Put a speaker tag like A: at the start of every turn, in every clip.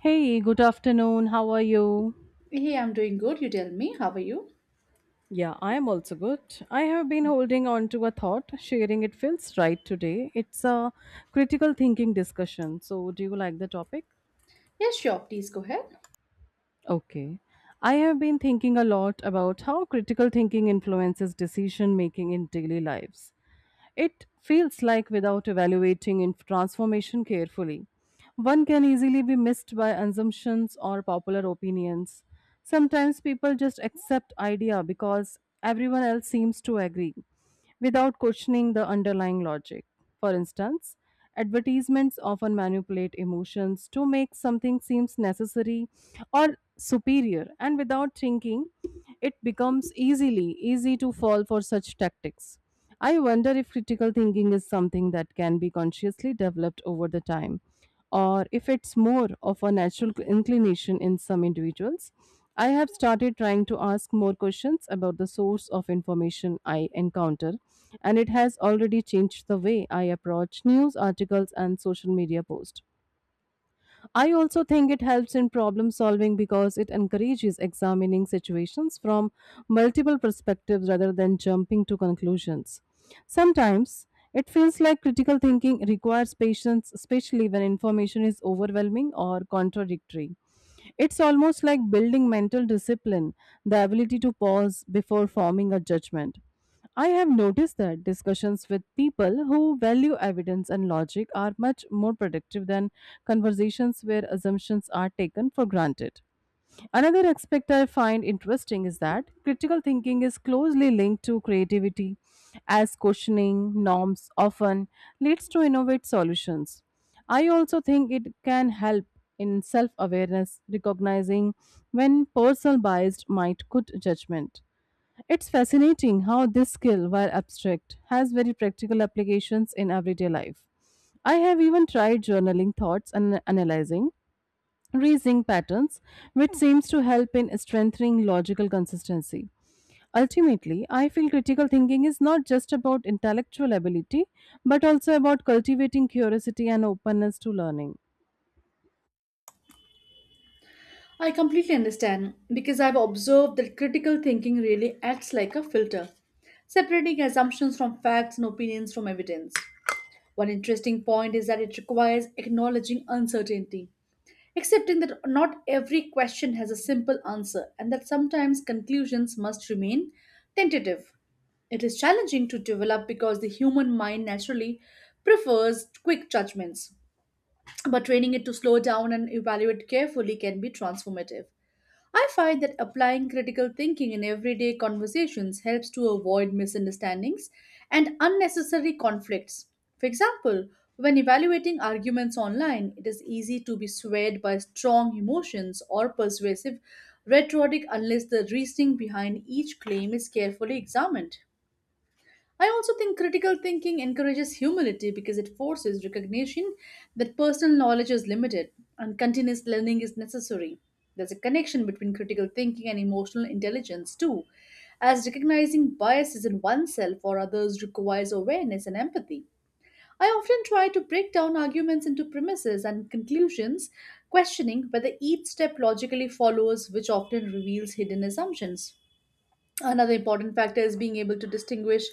A: Hey, good afternoon. How are you?
B: Hey, I'm doing good. You tell me, how are you?
A: Yeah, I am also good. I have been holding on to a thought. Sharing it feels right today. It's a critical thinking discussion. So, do you like the topic?
B: Yes, sure. Please go ahead.
A: Okay. I have been thinking a lot about how critical thinking influences decision making in daily lives. It feels like without evaluating in transformation carefully, one can easily be missed by assumptions or popular opinions. Sometimes people just accept idea because everyone else seems to agree without questioning the underlying logic. For instance, advertisements often manipulate emotions to make something seems necessary or superior, and without thinking it becomes easily easy to fall for such tactics. I wonder if critical thinking is something that can be consciously developed over the time, or if it's more of a natural inclination in some individuals. I have started trying to ask more questions about the source of information I encounter, and it has already changed the way I approach news articles and social media posts. I also think it helps in problem solving because it encourages examining situations from multiple perspectives rather than jumping to conclusions. Sometimes it feels like critical thinking requires patience, especially when information is overwhelming or contradictory. It's almost like building mental discipline, the ability to pause before forming a judgment. I have noticed that discussions with people who value evidence and logic are much more productive than conversations where assumptions are taken for granted. Another aspect I find interesting is that critical thinking is closely linked to creativity, as questioning norms often leads to innovative solutions. I also think it can help in self awareness, recognizing when personal bias might cloud judgment. It's fascinating how this skill, while abstract, has very practical applications in everyday life. I have even tried journaling thoughts and analyzing, reasoning patterns, which seems to help in strengthening logical consistency. Ultimately, I feel critical thinking is not just about intellectual ability, but also about cultivating curiosity and openness to learning.
B: I completely understand because I've observed that critical thinking really acts like a filter, separating assumptions from facts and opinions from evidence. One interesting point is that it requires acknowledging uncertainty, accepting that not every question has a simple answer and that sometimes conclusions must remain tentative. It is challenging to develop because the human mind naturally prefers quick judgments but training it to slow down and evaluate carefully can be transformative. I find that applying critical thinking in everyday conversations helps to avoid misunderstandings and unnecessary conflicts. For example, when evaluating arguments online, it is easy to be swayed by strong emotions or persuasive rhetoric unless the reasoning behind each claim is carefully examined. I also think critical thinking encourages humility because it forces recognition that personal knowledge is limited and continuous learning is necessary. There's a connection between critical thinking and emotional intelligence, too, as recognizing biases in oneself or others requires awareness and empathy. I often try to break down arguments into premises and conclusions, questioning whether each step logically follows, which often reveals hidden assumptions. Another important factor is being able to distinguish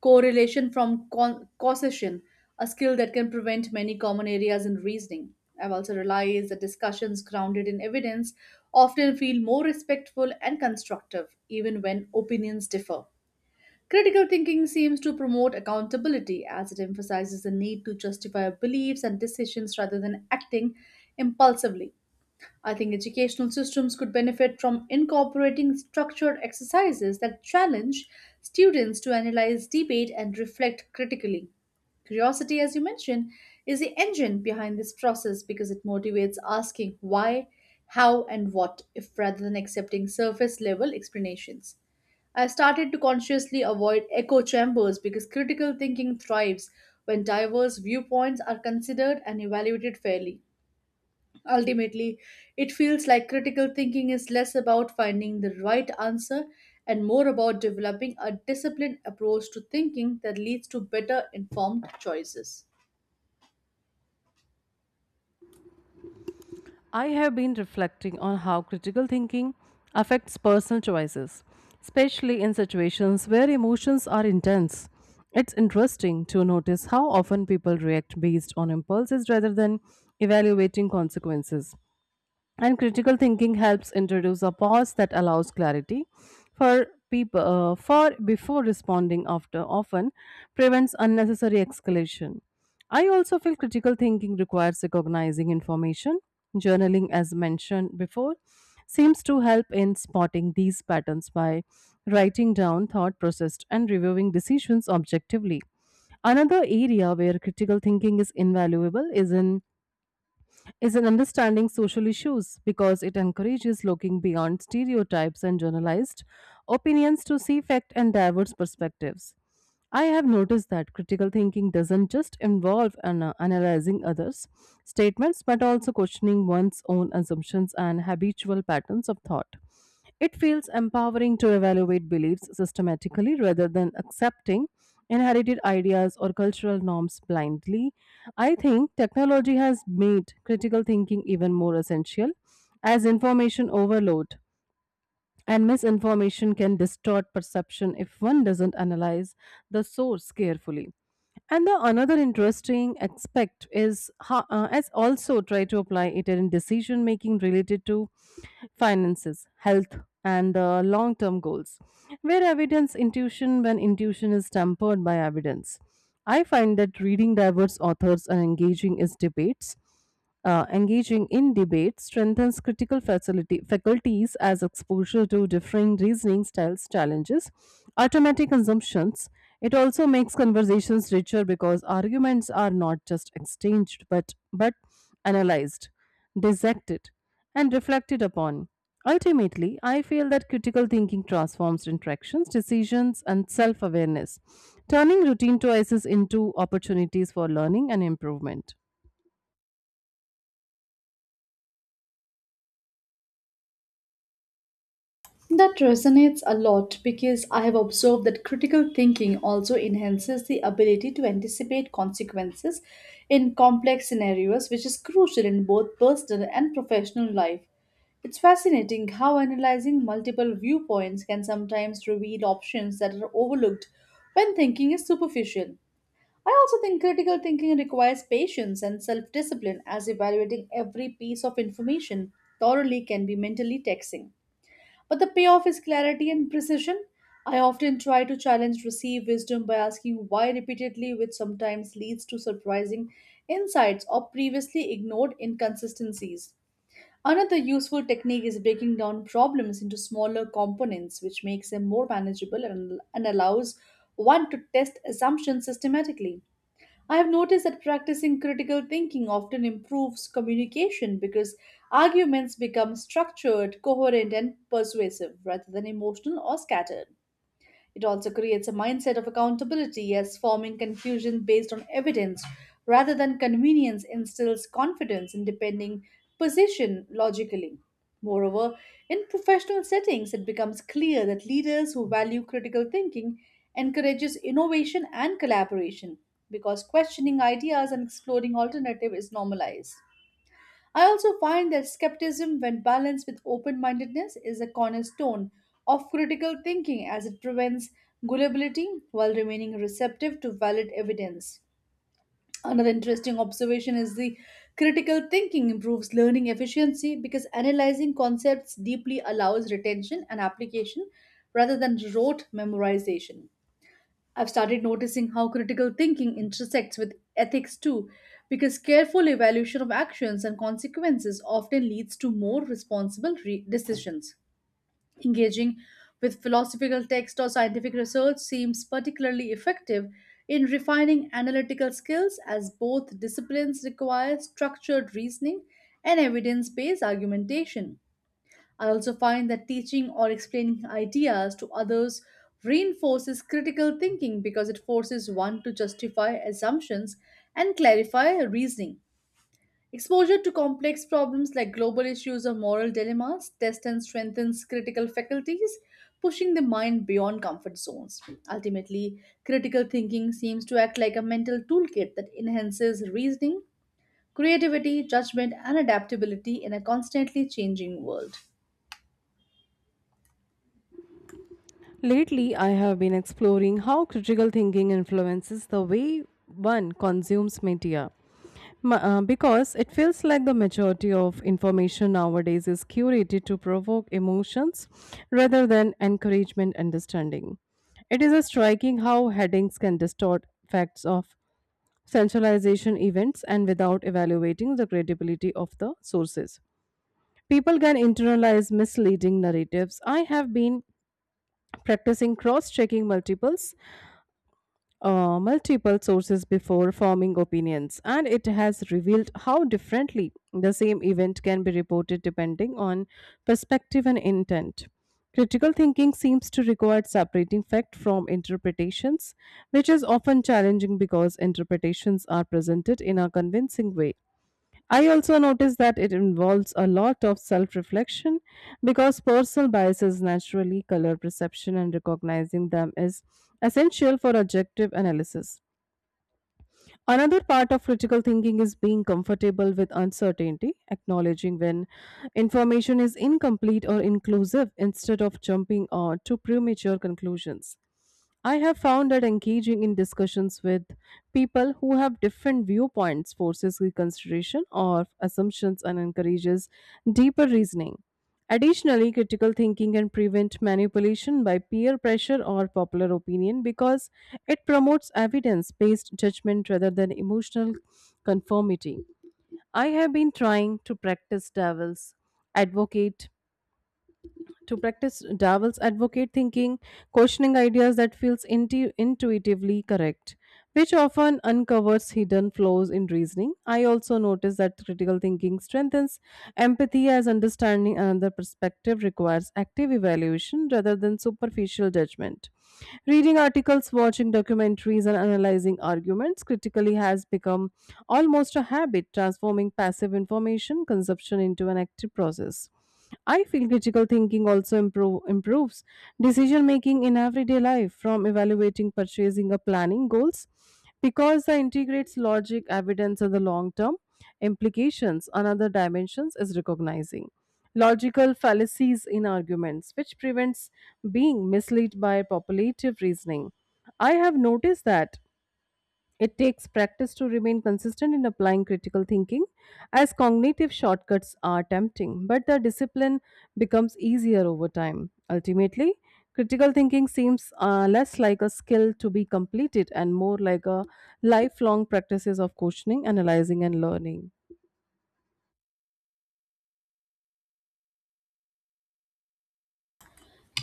B: correlation from causation, a skill that can prevent many common areas in reasoning. I've also realized that discussions grounded in evidence often feel more respectful and constructive, even when opinions differ. Critical thinking seems to promote accountability as it emphasizes the need to justify beliefs and decisions rather than acting impulsively. I think educational systems could benefit from incorporating structured exercises that challenge students to analyze, debate, and reflect critically. Curiosity, as you mentioned, is the engine behind this process because it motivates asking why, how, and what, if rather than accepting surface level explanations. I started to consciously avoid echo chambers because critical thinking thrives when diverse viewpoints are considered and evaluated fairly. Ultimately, it feels like critical thinking is less about finding the right answer and more about developing a disciplined approach to thinking that leads to better informed choices.
A: I have been reflecting on how critical thinking affects personal choices, especially in situations where emotions are intense. It's interesting to notice how often people react based on impulses rather than evaluating consequences, and critical thinking helps introduce a pause that allows clarity for people for before responding, after often prevents unnecessary escalation. I also feel critical thinking requires recognizing information. Journaling, as mentioned before, seems to help in spotting these patterns by writing down thought processed and reviewing decisions objectively. Another area where critical thinking is invaluable is in understanding social issues because it encourages looking beyond stereotypes and generalized opinions to see fact and diverse perspectives. I have noticed that critical thinking doesn't just involve analyzing others' statements but also questioning one's own assumptions and habitual patterns of thought. It feels empowering to evaluate beliefs systematically rather than accepting inherited ideas or cultural norms blindly. I think technology has made critical thinking even more essential as information overload and misinformation can distort perception if one doesn't analyze the source carefully. And the another interesting aspect is how, as also try to apply it in decision making related to finances, health, and long term goals, where evidence intuition when intuition is tempered by evidence. I find that reading diverse authors and engaging in debate strengthens critical faculties as exposure to differing reasoning styles challenges automatic assumptions. It also makes conversations richer because arguments are not just exchanged but analyzed, dissected, and reflected upon. Ultimately, I feel that critical thinking transforms interactions, decisions, and self awareness, turning routine choices into opportunities for learning and improvement.
B: That resonates a lot because I have observed that critical thinking also enhances the ability to anticipate consequences in complex scenarios, which is crucial in both personal and professional life. It's fascinating how analyzing multiple viewpoints can sometimes reveal options that are overlooked when thinking is superficial. I also think critical thinking requires patience and self discipline, as evaluating every piece of information thoroughly can be mentally taxing. But the payoff is clarity and precision. I often try to challenge received wisdom by asking why repeatedly, which sometimes leads to surprising insights or previously ignored inconsistencies. Another useful technique is breaking down problems into smaller components, which makes them more manageable and allows one to test assumptions systematically. I have noticed that practicing critical thinking often improves communication because arguments become structured, coherent, and persuasive rather than emotional or scattered. It also creates a mindset of accountability as forming confusion based on evidence rather than convenience instills confidence in defending position logically. Moreover, in professional settings, it becomes clear that leaders who value critical thinking encourages innovation and collaboration because questioning ideas and exploring alternative is normalized. I also find that skepticism, when balanced with open mindedness, is a cornerstone of critical thinking as it prevents gullibility while remaining receptive to valid evidence. Another interesting observation is the critical thinking improves learning efficiency because analyzing concepts deeply allows retention and application rather than rote memorization. I've started noticing how critical thinking intersects with ethics too, because careful evaluation of actions and consequences often leads to more responsible decisions. Engaging with philosophical text or scientific research seems particularly effective in refining analytical skills as both disciplines require structured reasoning and evidence based argumentation. I also find that teaching or explaining ideas to others reinforces critical thinking because it forces one to justify assumptions and clarify reasoning. Exposure to complex problems like global issues or moral dilemmas tests and strengthens critical faculties, pushing the mind beyond comfort zones. Ultimately, critical thinking seems to act like a mental toolkit that enhances reasoning, creativity, judgment, and adaptability in a constantly changing world.
A: Lately, I have been exploring how critical thinking influences the way one consumes media, because it feels like the majority of information nowadays is curated to provoke emotions rather than encouragement understanding. It is a striking how headings can distort facts of centralization events, and without evaluating the credibility of the sources, people can internalize misleading narratives. I have been practicing cross-checking multiple sources before forming opinions, and it has revealed how differently the same event can be reported depending on perspective and intent. Critical thinking seems to require separating fact from interpretations, which is often challenging because interpretations are presented in a convincing way. I also notice that it involves a lot of self reflection because personal biases naturally color perception, and recognizing them is essential for objective analysis. Another part of critical thinking is being comfortable with uncertainty, acknowledging when information is incomplete or inclusive instead of jumping on to premature conclusions. I have found that engaging in discussions with people who have different viewpoints forces reconsideration of assumptions and encourages deeper reasoning. Additionally, critical thinking can prevent manipulation by peer pressure or popular opinion because it promotes evidence based judgment rather than emotional conformity. I have been trying advocate to practice devil's advocate thinking, questioning ideas that feels intuitively correct, which often uncovers hidden flaws in reasoning. I also notice that critical thinking strengthens empathy as understanding another perspective requires active evaluation rather than superficial judgment. Reading articles, watching documentaries, and analyzing arguments critically has become almost a habit, transforming passive information consumption into an active process. I feel critical thinking also improves decision making in everyday life from evaluating purchasing or planning goals because it integrates logic, evidence, and the long term implications. Another dimensions is recognizing logical fallacies in arguments, which prevents being misled by populative reasoning. I have noticed that it takes practice to remain consistent in applying critical thinking, as cognitive shortcuts are tempting, but the discipline becomes easier over time. Ultimately, critical thinking seems less like a skill to be completed and more like a lifelong practices of questioning, analyzing, and learning.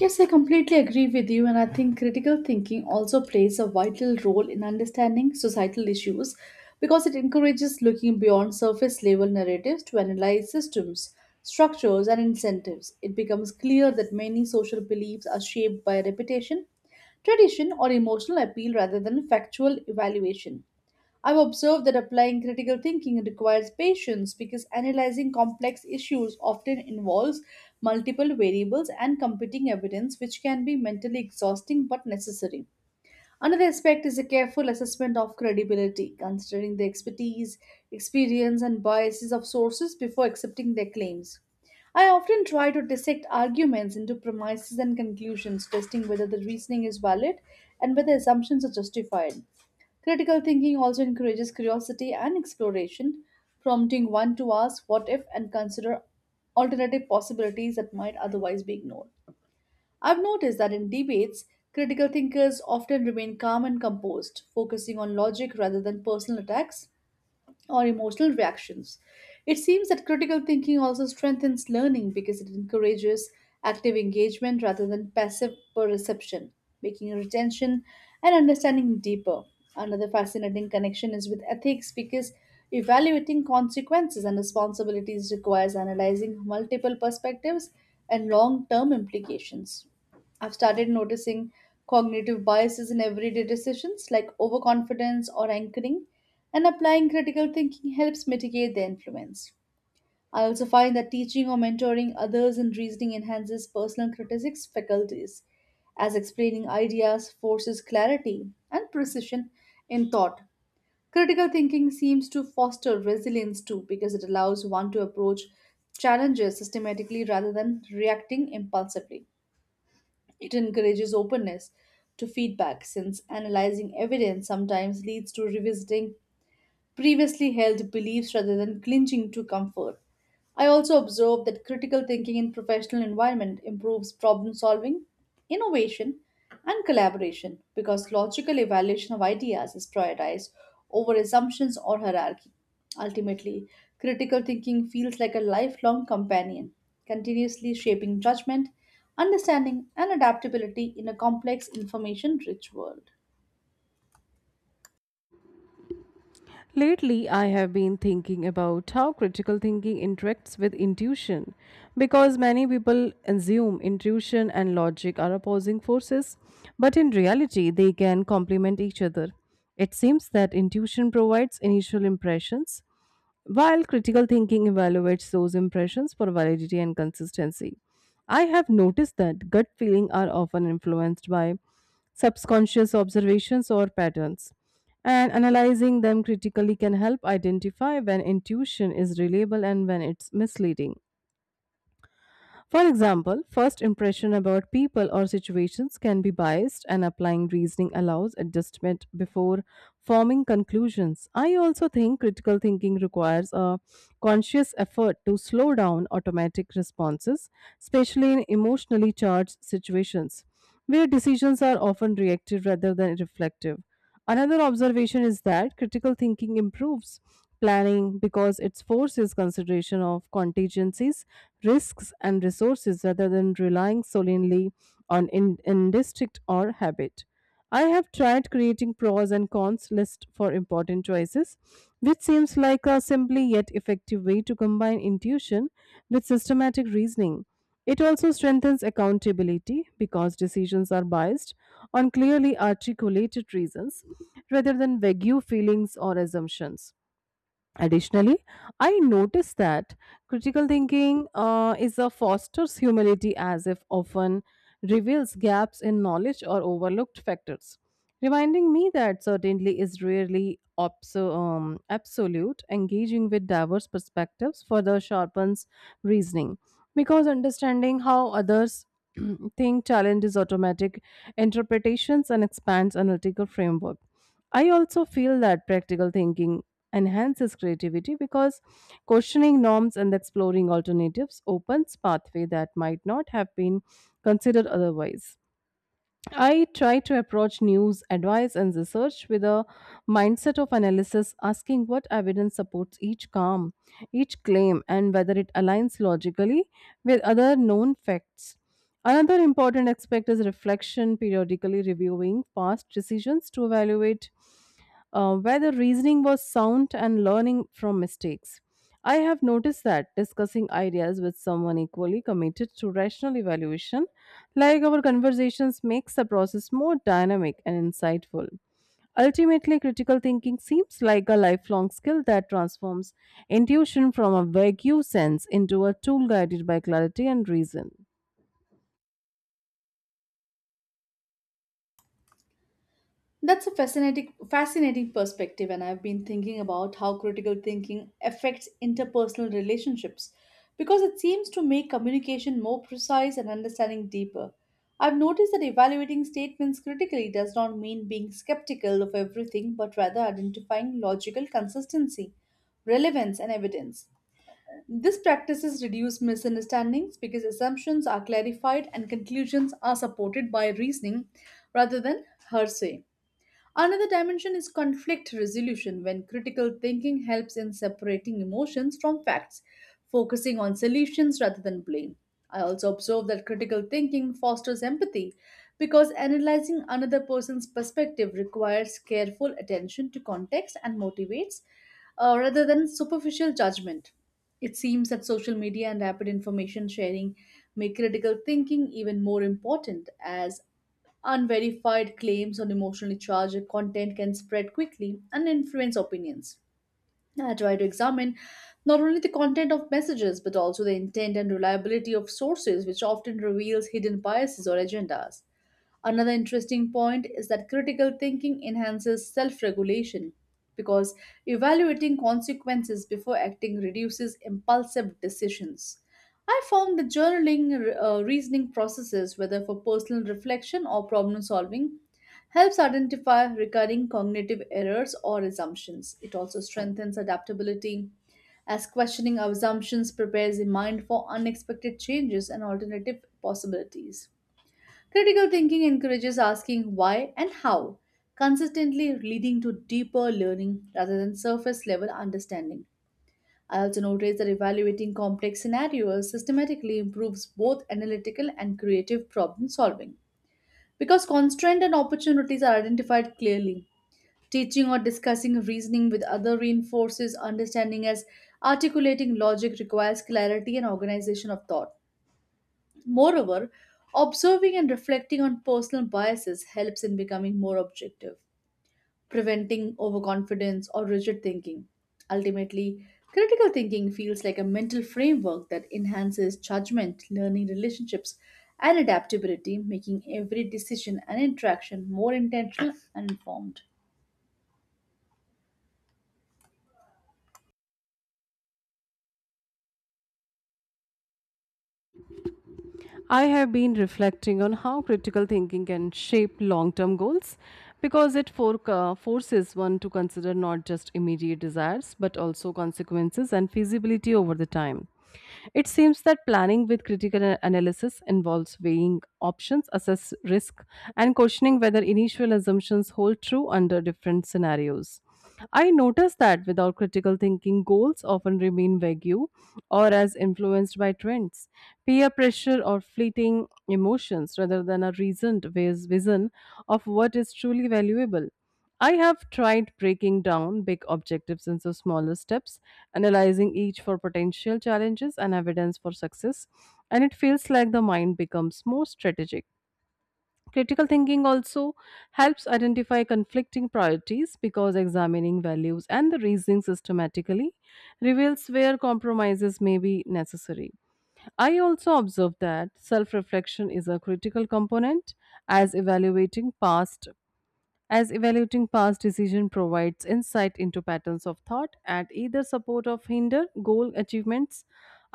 B: Yes, I completely agree with you, and I think critical thinking also plays a vital role in understanding societal issues because it encourages looking beyond surface level narratives to analyze systems, structures, and incentives. It becomes clear that many social beliefs are shaped by reputation, tradition, or emotional appeal rather than factual evaluation. I've observed that applying critical thinking requires patience because analyzing complex issues often involves multiple variables and competing evidence, which can be mentally exhausting but necessary. Another aspect is a careful assessment of credibility, considering the expertise, experience, and biases of sources before accepting their claims. I often try to dissect arguments into premises and conclusions, testing whether the reasoning is valid and whether assumptions are justified. Critical thinking also encourages curiosity and exploration, prompting one to ask what if and consider alternative possibilities that might otherwise be ignored. I've noticed that in debates, critical thinkers often remain calm and composed, focusing on logic rather than personal attacks or emotional reactions. It seems that critical thinking also strengthens learning because it encourages active engagement rather than passive perception, making retention and understanding deeper. Another fascinating connection is with ethics because evaluating consequences and responsibilities requires analyzing multiple perspectives and long term implications. I've started noticing cognitive biases in everyday decisions like overconfidence or anchoring, and applying critical thinking helps mitigate their influence. I also find that teaching or mentoring others in reasoning enhances personal critics faculties, as explaining ideas forces clarity and precision in thought. Critical thinking seems to foster resilience too because it allows one to approach challenges systematically rather than reacting impulsively. It encourages openness to feedback since analyzing evidence sometimes leads to revisiting previously held beliefs rather than clinging to comfort. I also observed that critical thinking in professional environment improves problem solving, innovation, and collaboration because logical evaluation of ideas is prioritized over assumptions or hierarchy. Ultimately, critical thinking feels like a lifelong companion, continuously shaping judgment, understanding, and adaptability in a complex information rich world.
A: Lately, I have been thinking about how critical thinking interacts with intuition because many people assume intuition and logic are opposing forces, but in reality, they can complement each other. It seems that intuition provides initial impressions, while critical thinking evaluates those impressions for validity and consistency. I have noticed that gut feelings are often influenced by subconscious observations or patterns, and analyzing them critically can help identify when intuition is reliable and when it's misleading. For example, first impression about people or situations can be biased, and applying reasoning allows adjustment before forming conclusions. I also think critical thinking requires a conscious effort to slow down automatic responses, especially in emotionally charged situations where decisions are often reactive rather than reflective. Another observation is that critical thinking improves planning because it forces consideration of contingencies, risks, and resources rather than relying solely on instinct or habit. I have tried creating pros and cons list for important choices, which seems like a simply yet effective way to combine intuition with systematic reasoning. It also strengthens accountability because decisions are based on clearly articulated reasons rather than vague feelings or assumptions. Additionally, I noticed that critical thinking is a fosters humility as if often reveals gaps in knowledge or overlooked factors, reminding me that certainly is rarely absolute. Engaging with diverse perspectives further sharpens reasoning because understanding how others think challenges automatic interpretations and expands analytical framework. I also feel that practical thinking enhances creativity because questioning norms and exploring alternatives opens pathway that might not have been considered otherwise. I try to approach news, advice, and research with a mindset of analysis, asking what evidence supports each claim, and whether it aligns logically with other known facts. Another important aspect is reflection, periodically reviewing past decisions to evaluate where the reasoning was sound and learning from mistakes. I have noticed that discussing ideas with someone equally committed to rational evaluation, like our conversations, makes the process more dynamic and insightful. Ultimately, critical thinking seems like a lifelong skill that transforms intuition from a vague sense into a tool guided by clarity and reason.
B: That's a fascinating perspective and I've been thinking about how critical thinking affects interpersonal relationships because it seems to make communication more precise and understanding deeper. I've noticed that evaluating statements critically does not mean being skeptical of everything but rather identifying logical consistency, relevance and evidence. This practices reduce misunderstandings because assumptions are clarified and conclusions are supported by reasoning rather than hearsay. Another dimension is conflict resolution, when critical thinking helps in separating emotions from facts, focusing on solutions rather than blame. I also observe that critical thinking fosters empathy because analyzing another person's perspective requires careful attention to context and motivates rather than superficial judgment. It seems that social media and rapid information sharing make critical thinking even more important as unverified claims on emotionally charged content can spread quickly and influence opinions. I try to examine not only the content of messages but also the intent and reliability of sources, which often reveals hidden biases or agendas. Another interesting point is that critical thinking enhances self regulation because evaluating consequences before acting reduces impulsive decisions. I found the journaling reasoning processes, whether for personal reflection or problem solving, helps identify recurring cognitive errors or assumptions. It also strengthens adaptability, as questioning assumptions prepares the mind for unexpected changes and alternative possibilities. Critical thinking encourages asking why and how, consistently leading to deeper learning rather than surface level understanding. I also noticed that evaluating complex scenarios systematically improves both analytical and creative problem solving. Because constraints and opportunities are identified clearly. Teaching or discussing reasoning with other reinforces understanding as articulating logic requires clarity and organization of thought. Moreover, observing and reflecting on personal biases helps in becoming more objective preventing overconfidence or rigid thinking. Ultimately, critical thinking feels like a mental framework that enhances judgment, learning relationships, and adaptability, making every decision and interaction more intentional and informed.
A: I have been reflecting on how critical thinking can shape long term goals because it forces one to consider not just immediate desires but also consequences and feasibility over the time. It seems that planning with critical analysis involves weighing options, assess risk, and questioning whether initial assumptions hold true under different scenarios. I noticed that without critical thinking, goals often remain vague or as influenced by trends, peer pressure, or fleeting emotions rather than a reasoned vision of what is truly valuable. I have tried breaking down big objectives into smaller steps, analyzing each for potential challenges and evidence for success, and it feels like the mind becomes more strategic. Critical thinking also helps identify conflicting priorities because examining values and the reasoning systematically reveals where compromises may be necessary. I also observe that self reflection is a critical component as evaluating past as evaluating past decision provides insight into patterns of thought at either support or hinder goal achievements.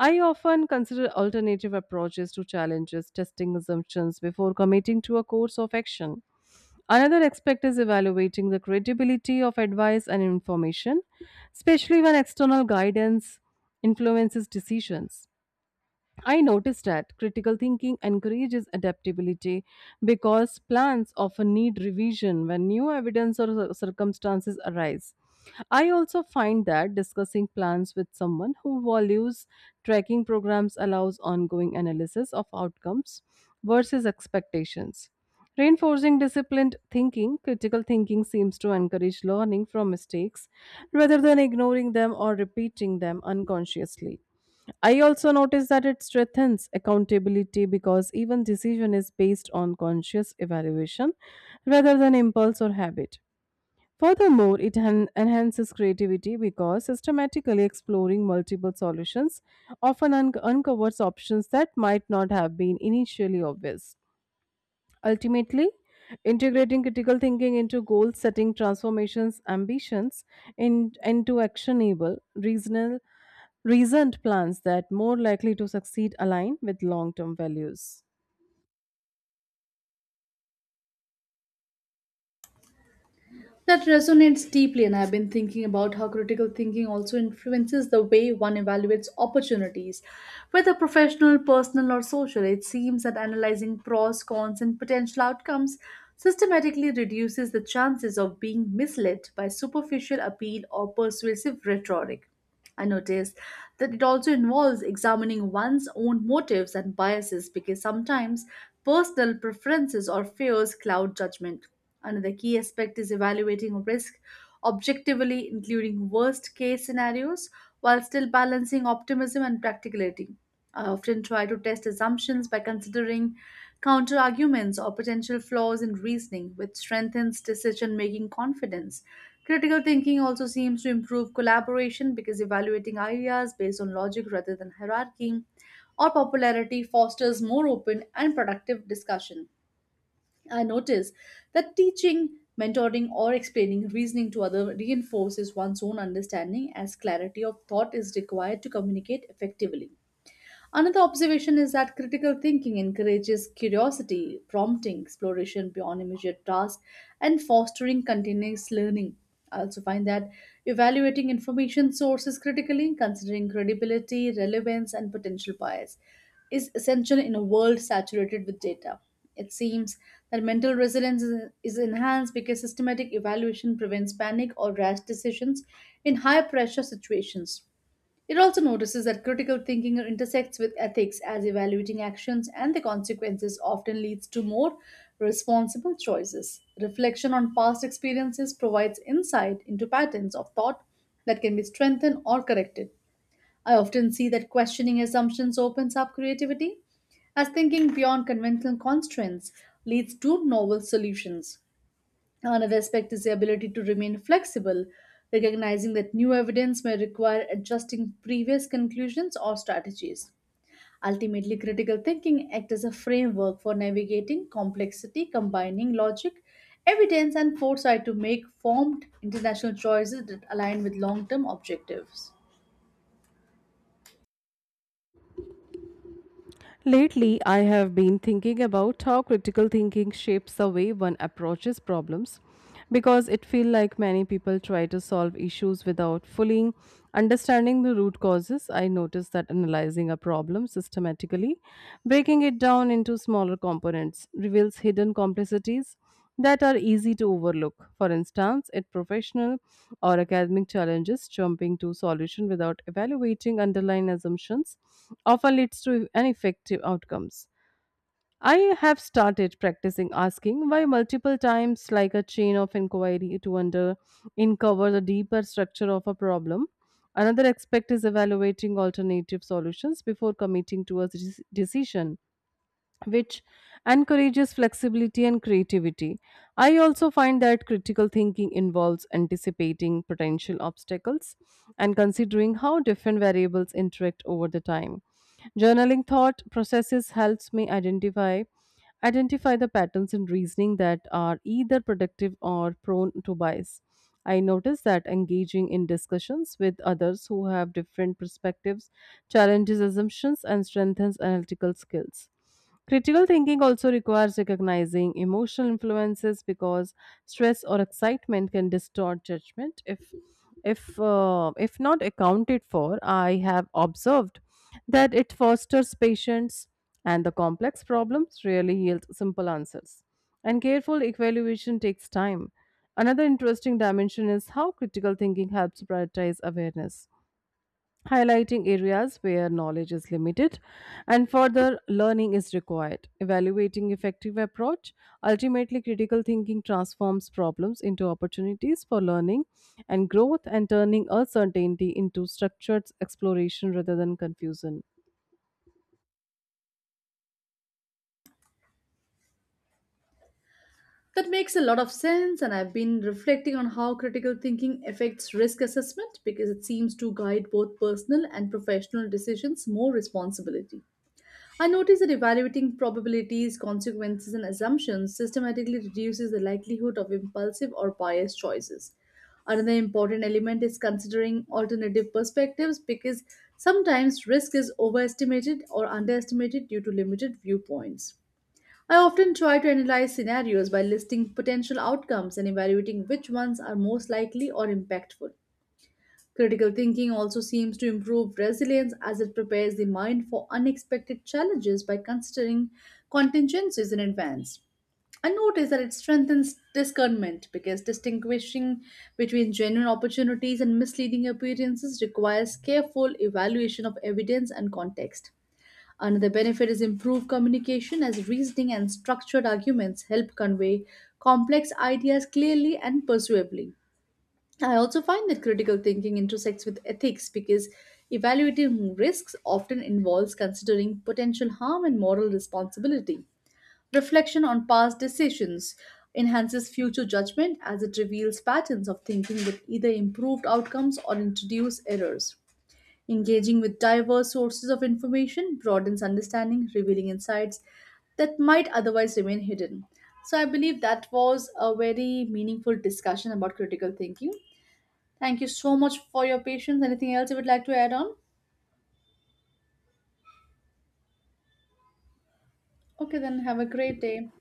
A: I often consider alternative approaches to challenges, testing assumptions before committing to a course of action. Another aspect is evaluating the credibility of advice and information, especially when external guidance influences decisions. I noticed that critical thinking encourages adaptability because plans often need revision when new evidence or circumstances arise. I also find that discussing plans with someone who values tracking programs allows ongoing analysis of outcomes versus expectations. Reinforcing disciplined thinking, critical thinking seems to encourage learning from mistakes rather than ignoring them or repeating them unconsciously. I also notice that it strengthens accountability because even decision is based on conscious evaluation rather than impulse or habit. Furthermore, it enhances creativity because systematically exploring multiple solutions often uncovers options that might not have been initially obvious. Ultimately, integrating critical thinking into goal setting transformations ambitions into actionable reasonable recent plans that more likely to succeed align with long term values.
B: That resonates deeply, and I've been thinking about how critical thinking also influences the way one evaluates opportunities. Whether professional, personal, or social, it seems that analyzing pros, cons, and potential outcomes systematically reduces the chances of being misled by superficial appeal or persuasive rhetoric. I noticed that it also involves examining one's own motives and biases because sometimes personal preferences or fears cloud judgment. Another key aspect is evaluating risk objectively, including worst case scenarios, while still balancing optimism and practicality. I often try to test assumptions by considering counter arguments or potential flaws in reasoning, which strengthens decision making confidence. Critical thinking also seems to improve collaboration because evaluating ideas based on logic rather than hierarchy or popularity fosters more open and productive discussion. I notice that teaching, mentoring, or explaining reasoning to others reinforces one's own understanding as clarity of thought is required to communicate effectively. Another observation is that critical thinking encourages curiosity, prompting exploration beyond immediate tasks, and fostering continuous learning. I also find that evaluating information sources critically, considering credibility, relevance, and potential bias, is essential in a world saturated with data. It seems that mental resilience is enhanced because systematic evaluation prevents panic or rash decisions in high pressure situations. It also notices that critical thinking intersects with ethics as evaluating actions and the consequences often leads to more responsible choices. Reflection on past experiences provides insight into patterns of thought that can be strengthened or corrected. I often see that questioning assumptions opens up creativity, as thinking beyond conventional constraints leads to novel solutions. Another aspect is the ability to remain flexible, recognizing that new evidence may require adjusting previous conclusions or strategies. Ultimately, critical thinking acts as a framework for navigating complexity, combining logic, evidence, and foresight to make formed international choices that align with long term objectives.
A: Lately, I have been thinking about how critical thinking shapes the way one approaches problems because it feels like many people try to solve issues without fully understanding the root causes. I noticed that analyzing a problem systematically, breaking it down into smaller components, reveals hidden complexities that are easy to overlook. For instance, at professional or academic challenges, jumping to solution without evaluating underlying assumptions often leads to ineffective outcomes. I have started practicing asking why multiple times, like a chain of inquiry, to under uncover the deeper structure of a problem. Another aspect is evaluating alternative solutions before committing to a decision, which encourages flexibility and creativity. I also find that critical thinking involves anticipating potential obstacles and considering how different variables interact over the time. Journaling thought processes helps me identify the patterns in reasoning that are either productive or prone to bias. I notice that engaging in discussions with others who have different perspectives challenges assumptions and strengthens analytical skills. Critical thinking also requires recognizing emotional influences because stress or excitement can distort judgment if not accounted for. I have observed that it fosters patience, and the complex problems rarely yield simple answers, and careful evaluation takes time. Another interesting dimension is how critical thinking helps prioritize awareness, highlighting areas where knowledge is limited and further learning is required, evaluating effective approach. Ultimately, critical thinking transforms problems into opportunities for learning and growth, and turning uncertainty into structured exploration rather than confusion.
B: That makes a lot of sense, and I've been reflecting on how critical thinking affects risk assessment because it seems to guide both personal and professional decisions more responsibility. I notice that evaluating probabilities, consequences, and assumptions systematically reduces the likelihood of impulsive or biased choices. Another important element is considering alternative perspectives because sometimes risk is overestimated or underestimated due to limited viewpoints. I often try to analyze scenarios by listing potential outcomes and evaluating which ones are most likely or impactful. Critical thinking also seems to improve resilience as it prepares the mind for unexpected challenges by considering contingencies in advance. I notice that it strengthens discernment because distinguishing between genuine opportunities and misleading appearances requires careful evaluation of evidence and context. Another benefit is improved communication as reasoning and structured arguments help convey complex ideas clearly and persuasively. I also find that critical thinking intersects with ethics because evaluating risks often involves considering potential harm and moral responsibility. Reflection on past decisions enhances future judgment as it reveals patterns of thinking that either improved outcomes or introduce errors. Engaging with diverse sources of information broadens understanding, revealing insights that might otherwise remain hidden. So, I believe that was a very meaningful discussion about critical thinking. Thank you so much for your patience. Anything else you would like to add on? Okay, then have a great day.